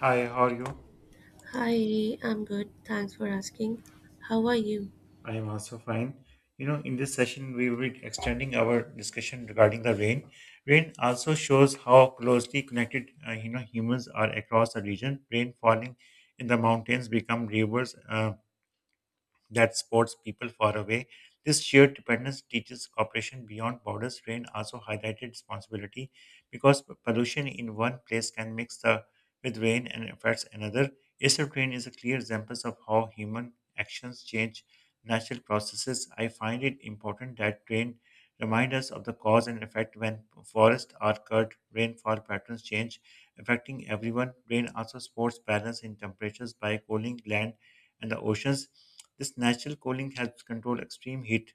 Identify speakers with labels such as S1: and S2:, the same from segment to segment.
S1: Hi, how are you?
S2: Hi, I'm good. Thanks for asking. How are you?
S1: I am also fine. You know, in this session, we will be extending our discussion regarding the rain. Rain also shows how closely connected, humans are across the region. Rain falling in the mountains become rivers. That sports people far away. This shared dependence teaches cooperation beyond borders. Rain also highlighted responsibility because pollution in one place can mix with rain and affects another. Acid rain is a clear example of how human actions change natural processes. I find it important that rain remind us of the cause and effect when forests are cut, rainfall patterns change, affecting everyone. Rain also supports balance in temperatures by cooling land and the oceans. This natural cooling helps control extreme heat.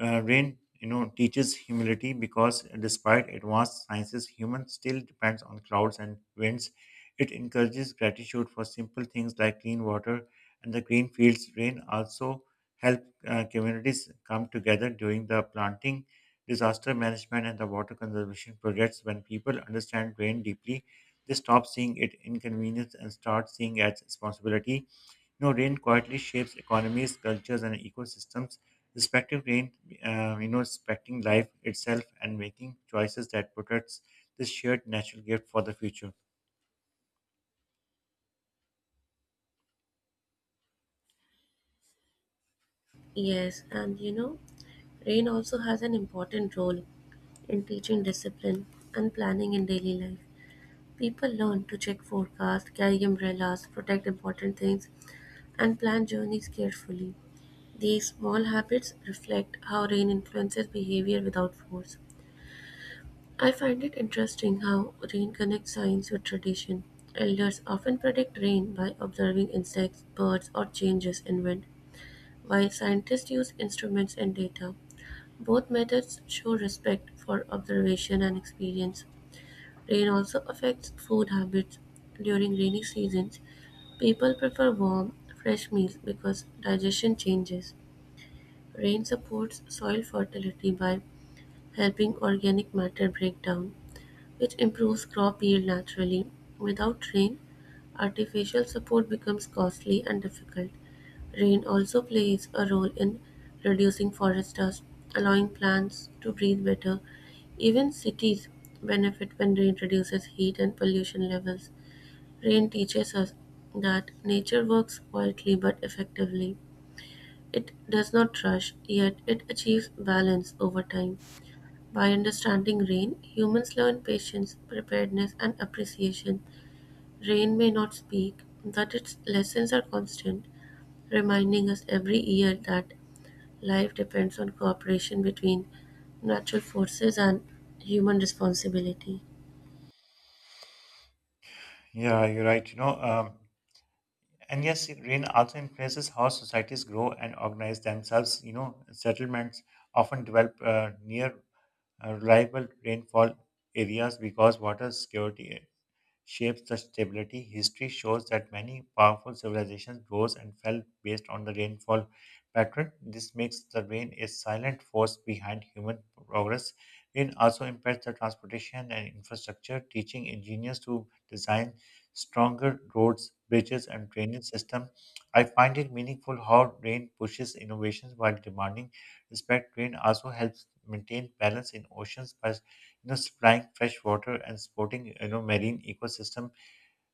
S1: Rain, teaches humility because despite advanced sciences, human still depends on clouds and winds. It encourages gratitude for simple things like clean water and the green fields. Rain also help communities come together during the planting, disaster management, and the water conservation projects. When people understand rain deeply, they stop seeing it inconvenience and start seeing it as responsibility. You know, rain quietly shapes economies, cultures, and ecosystems. Respecting rain, respecting life itself and making choices that protects this shared natural gift for the future.
S2: Yes, and you know, rain also has an important role in teaching discipline and planning in daily life. People learn to check forecasts, carry umbrellas, protect important things, and plan journeys carefully. These small habits reflect how rain influences behavior without force. I find it interesting how rain connects science with tradition. Elders often predict rain by observing insects, birds, or changes in wind, while scientists use instruments and data. Both methods show respect for observation and experience. Rain also affects food habits. During rainy seasons, people prefer warm, fresh meals because digestion changes. Rain supports soil fertility by helping organic matter break down which improves crop yield naturally. Without rain, artificial support becomes costly and difficult. Rain also plays a role in reducing forest dust, allowing plants to breathe better. Even cities benefit when rain reduces heat and pollution levels. Rain teaches us that nature works quietly but effectively. It does not rush, yet it achieves balance over time. By understanding rain, humans learn patience, preparedness, and appreciation. Rain may not speak, but its lessons are constant, reminding us every year that life depends on cooperation between natural forces and human responsibility.
S1: Yeah, you're right. And yes, rain also influences how societies grow and organize themselves. You know, settlements often develop near reliable rainfall areas because water security shapes the stability. History shows that many powerful civilizations rose and fell based on the rainfall pattern. This makes the rain a silent force behind human progress. Rain also impacts the transportation and infrastructure, teaching engineers to design stronger roads, bridges, and drainage system. I find it meaningful how rain pushes innovations while demanding respect. Rain also helps maintain balance in oceans by supplying fresh water and supporting marine ecosystem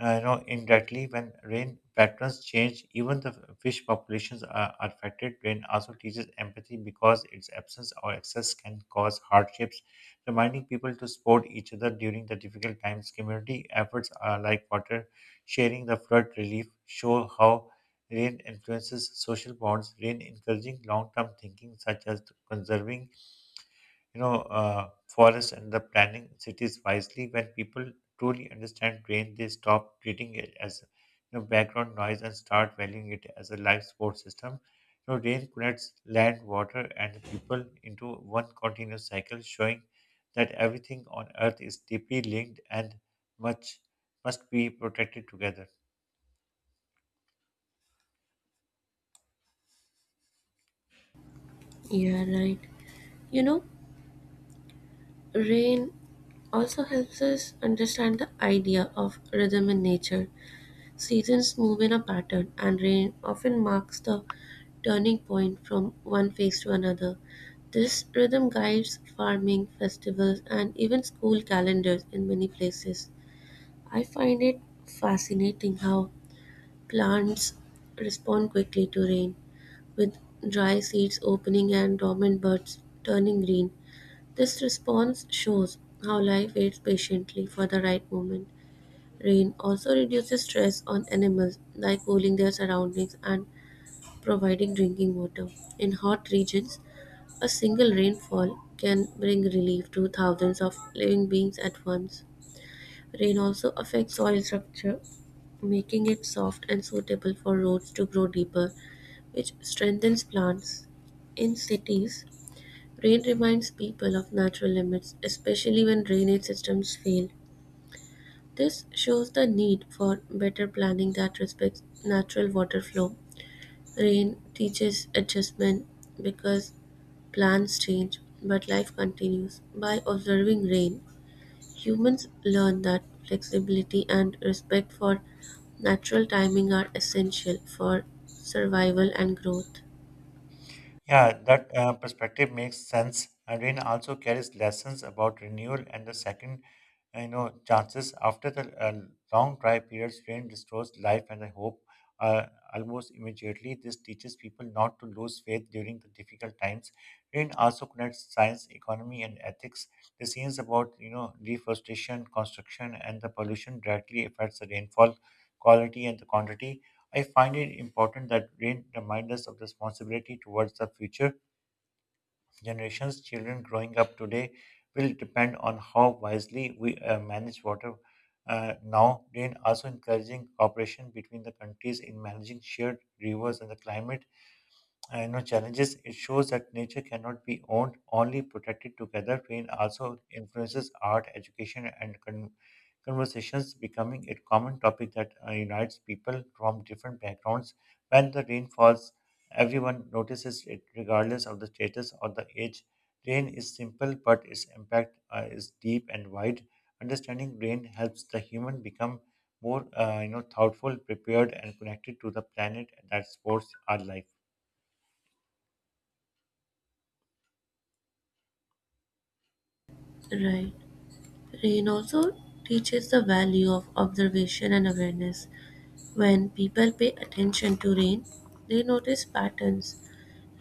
S1: indirectly. When rain patterns change, even the fish populations are affected. Rain also teaches empathy because its absence or excess can cause hardships, reminding people to support each other during the difficult times. Community efforts are like water sharing the flood relief, show how rain influences social bonds. Rain encouraging long-term thinking such as conserving forests and the planning cities wisely. When people truly understand train, they stop treating it as background noise and start valuing it as a life support system. You know, rain connects land, water, and people into one continuous cycle, showing that everything on Earth is deeply linked and much must be protected together.
S2: Yeah, right. You know, rain also helps us understand the idea of rhythm in nature. Seasons move in a pattern, and rain often marks the turning point from one phase to another. This rhythm guides farming, festivals, and even school calendars in many places. I find it fascinating how plants respond quickly to rain, with dry seeds opening and dormant buds turning green. This response shows how life waits patiently for the right moment. Rain also reduces stress on animals by cooling their surroundings and providing drinking water. In hot regions, a single rainfall can bring relief to thousands of living beings at once. Rain also affects soil structure, making it soft and suitable for roots to grow deeper, which strengthens plants. In cities, rain reminds people of natural limits, especially when drainage systems fail. This shows the need for better planning that respects natural water flow. Rain teaches adjustment because plans change, but life continues. By observing rain, humans learn that flexibility and respect for natural timing are essential for survival and growth.
S1: Yeah, that perspective makes sense. And rain also carries lessons about renewal and the second, chances after the long dry periods. Rain restores life and the hope uh, almost immediately. This teaches people not to lose faith during the difficult times. Rain also connects science, economy, and ethics. The scenes about deforestation, construction, and the pollution directly affects the rainfall quality and the quantity. I find it important that rain reminds us of responsibility towards the future generations. Children growing up today will depend on how wisely we manage water. Now, rain also encouraging cooperation between the countries in managing shared rivers and the climate I know challenges. It shows that nature cannot be owned, only protected together. Rain also influences art, education, and conversations, becoming a common topic that unites people from different backgrounds. When the rain falls, everyone notices it, regardless of the status or the age. Rain is simple, but its impact is deep and wide. Understanding rain helps the human become more, thoughtful, prepared, and connected to the planet that supports our life.
S2: Right. Rain also teaches the value of observation and awareness. When people pay attention to rain, they notice patterns,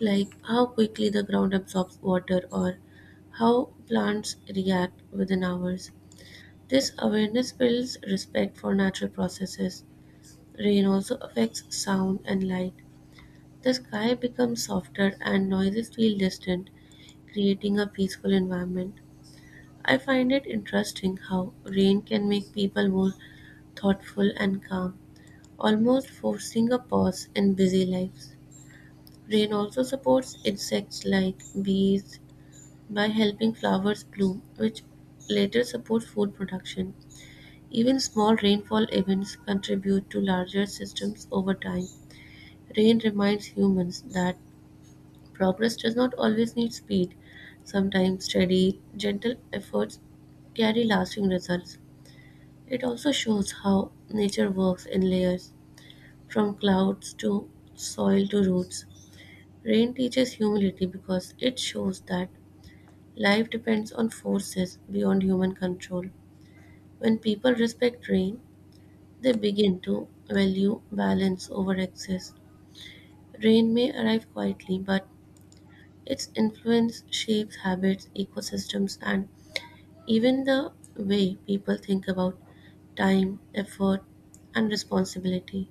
S2: like how quickly the ground absorbs water or how plants react within hours. This awareness builds respect for natural processes. Rain also affects sound and light. The sky becomes softer and noises feel distant, creating a peaceful environment. I find it interesting how rain can make people more thoughtful and calm, almost forcing a pause in busy lives. Rain also supports insects like bees, by helping flowers bloom, which later support food production. Even small rainfall events contribute to larger systems over time. Rain reminds humans that progress does not always need speed. Sometimes steady, gentle efforts carry lasting results. It also shows how nature works in layers, from clouds to soil to roots. Rain teaches humility because it shows that life depends on forces beyond human control. When people respect rain, they begin to value balance over excess. Rain may arrive quietly, but its influence shapes habits, ecosystems, and even the way people think about time, effort, and responsibility.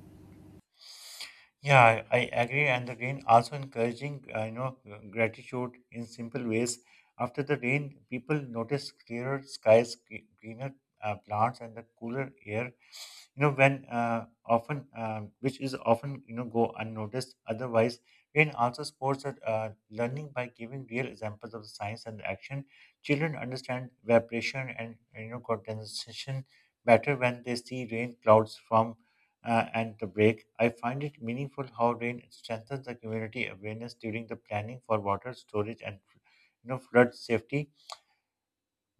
S1: Yeah, I agree. And the rain also encouraging, gratitude in simple ways. After the rain, people notice clearer skies, greener plants, and the cooler air, when often which is often go unnoticed otherwise. Rain also supports learning by giving real examples of the science and the action. Children understand evaporation and condensation better when they see rain clouds form and the break. I find it meaningful how rain strengthens the community awareness during the planning for water storage and flood safety.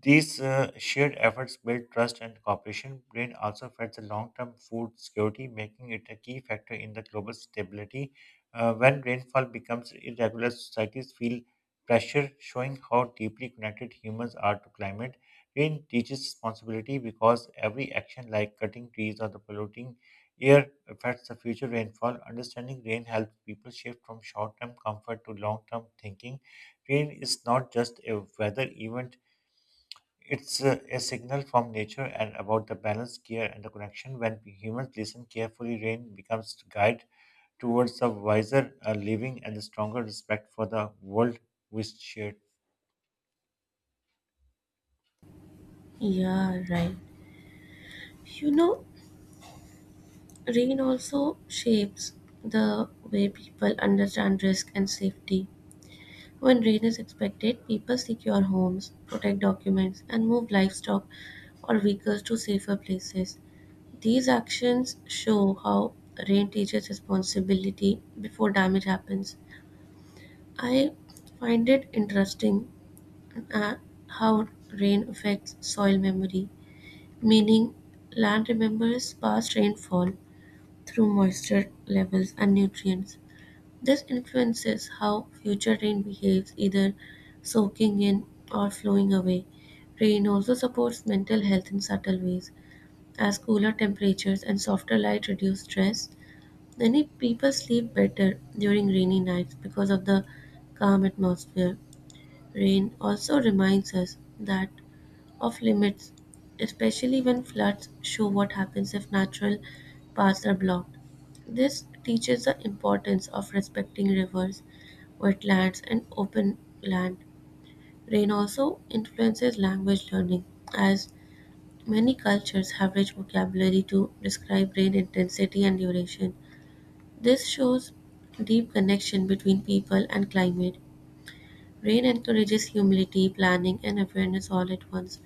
S1: These shared efforts build trust and cooperation. Brain also fed the long term food security, making it a key factor in the global stability. When rainfall becomes irregular, societies feel pressure, showing how deeply connected humans are to climate. Rain teaches responsibility because every action, like cutting trees or the polluting air, affects the future rainfall. Understanding rain helps people shift from short term comfort to long term thinking. Rain is not just a weather event, it's a signal from nature and about the balance, care, and the connection. When humans listen carefully, rain becomes the guide towards a wiser living and a stronger respect for the world we share.
S2: Yeah, right. You know, rain also shapes the way people understand risk and safety. When rain is expected, people secure homes, protect documents, and move livestock or vehicles to safer places. These actions show how rain teaches responsibility before damage happens. I find it interesting uh, how rain affects soil memory, meaning land remembers past rainfall through moisture levels and nutrients. This influences how future rain behaves, either soaking in or flowing away. Rain also supports mental health in subtle ways, as cooler temperatures and softer light reduce stress. Many people sleep better during rainy nights because of the calm atmosphere. Rain also reminds us that of limits, especially when floods show what happens if natural paths are blocked. This teaches the importance of respecting rivers, wetlands, and open land. Rain also influences language learning, as many cultures have rich vocabulary to describe rain intensity and duration. This shows deep connection between people and climate. Rain encourages humility, planning, and awareness all at once.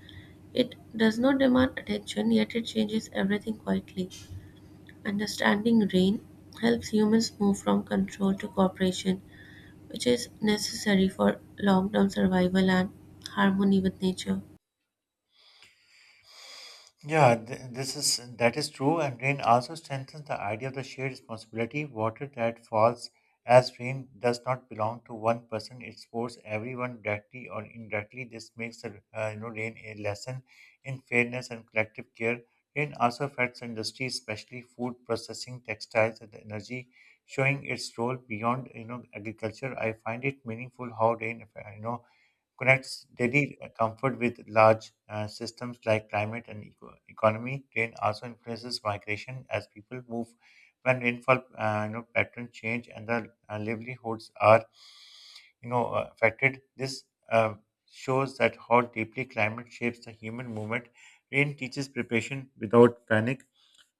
S2: It does not demand attention, yet it changes everything quietly. Understanding rain helps humans move from control to cooperation, which is necessary for long term survival and harmony with nature.
S1: Yeah, this is that is true, and rain also strengthens the idea of the shared responsibility. Water that falls as rain does not belong to one person; it supports everyone directly or indirectly. This makes the rain a lesson in fairness and collective care. Rain also affects industry, especially food processing, textiles, and energy, showing its role beyond agriculture. I find it meaningful how rain you know connects daily comfort with large systems like climate and economy. Rain also influences migration as people move. When rainfall patterns change and the livelihoods are affected, this uh, shows that how deeply climate shapes the human movement. Rain teaches preparation without panic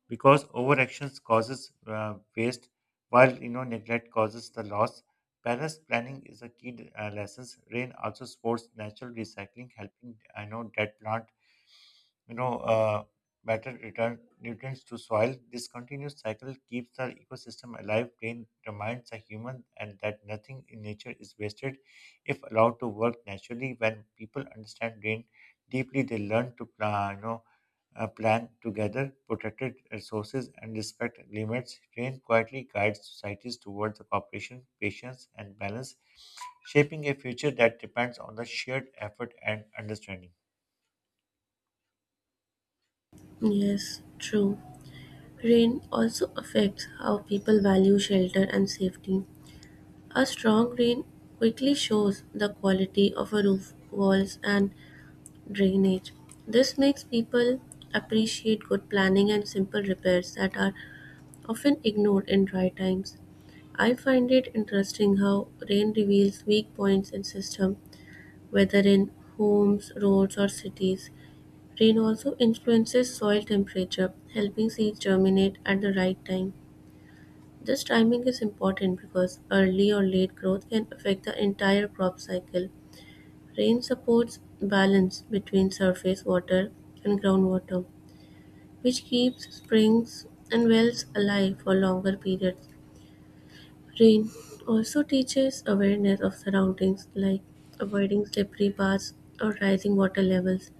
S1: because overactions causes waste, while neglect causes the loss. Balanced planning is a key lesson. Rain also supports natural recycling, helping I know dead plant you know, uh, better return nutrients to soil. This continuous cycle keeps the ecosystem alive. Brain reminds the human and that nothing in nature is wasted if allowed to work naturally. When people understand brain deeply, they learn to plan, plan together, protected resources and respect limits. Rain quietly guides societies towards the cooperation, patience and balance, shaping a future that depends on the shared effort and understanding.
S2: Yes, true. Rain also affects how people value shelter and safety. A strong rain quickly shows the quality of a roof, walls, and drainage. This makes people appreciate good planning and simple repairs that are often ignored in dry times. I find it interesting how rain reveals weak points in system, whether in homes, roads, or cities. Rain also influences soil temperature, helping seeds germinate at the right time. This timing is important because early or late growth can affect the entire crop cycle. Rain supports balance between surface water and groundwater, which keeps springs and wells alive for longer periods. Rain also teaches awareness of surroundings like avoiding slippery paths or rising water levels.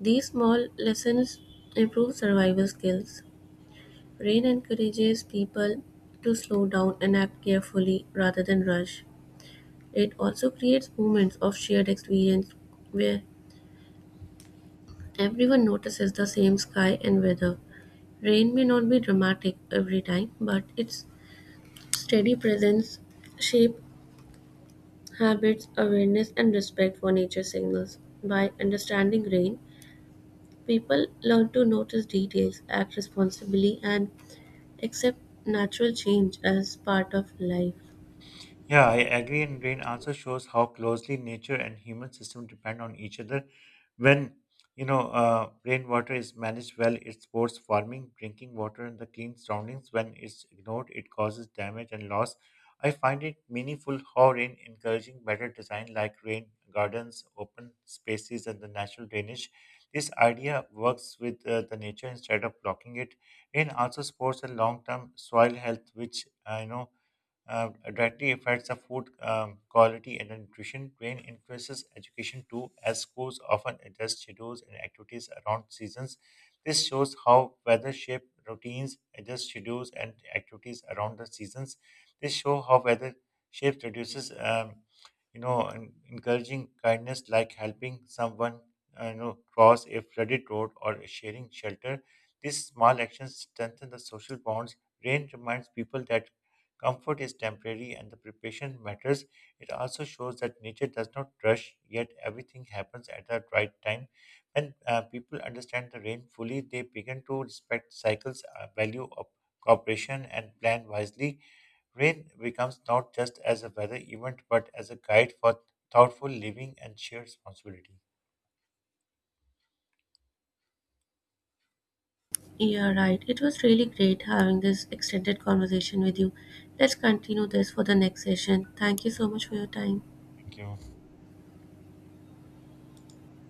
S2: These small lessons improve survival skills. Rain encourages people to slow down and act carefully rather than rush. It also creates moments of shared experience where everyone notices the same sky and weather. Rain may not be dramatic every time, but its steady presence shape habits, awareness, and respect for nature signals. By understanding rain, people learn to notice details, act responsibly, and accept natural change as part of life.
S1: Yeah, I agree. And rain also shows how closely nature and human system depend on each other. When rainwater is managed well, it supports farming, drinking water, and the clean surroundings. When it's ignored, it causes damage and loss. I find it meaningful how rain encouraging better design like rain gardens, open spaces, and the natural drainage. This idea works with the nature instead of blocking it. Rain also supports a long-term soil health, which I know directly affects the food quality and nutrition. Rain influences education too, as schools often adjust schedules and activities around seasons. This shows how weather shape routines, adjust schedules and activities around the seasons. This show how weather shape reduces, encouraging kindness like helping someone, cross a flooded road or sharing shelter. These small actions strengthen the social bonds. Rain reminds people that comfort is temporary and the preparation matters. It also shows that nature does not rush, yet everything happens at the right time. When people understand the rain fully, they begin to respect cycles, value of cooperation, and plan wisely. Rain becomes not just as a weather event, but as a guide for thoughtful living and shared responsibility.
S2: Yeah, right. It was really great having this extended conversation with you. Let's continue this for the next session. Thank you so much for your time.
S1: Thank you.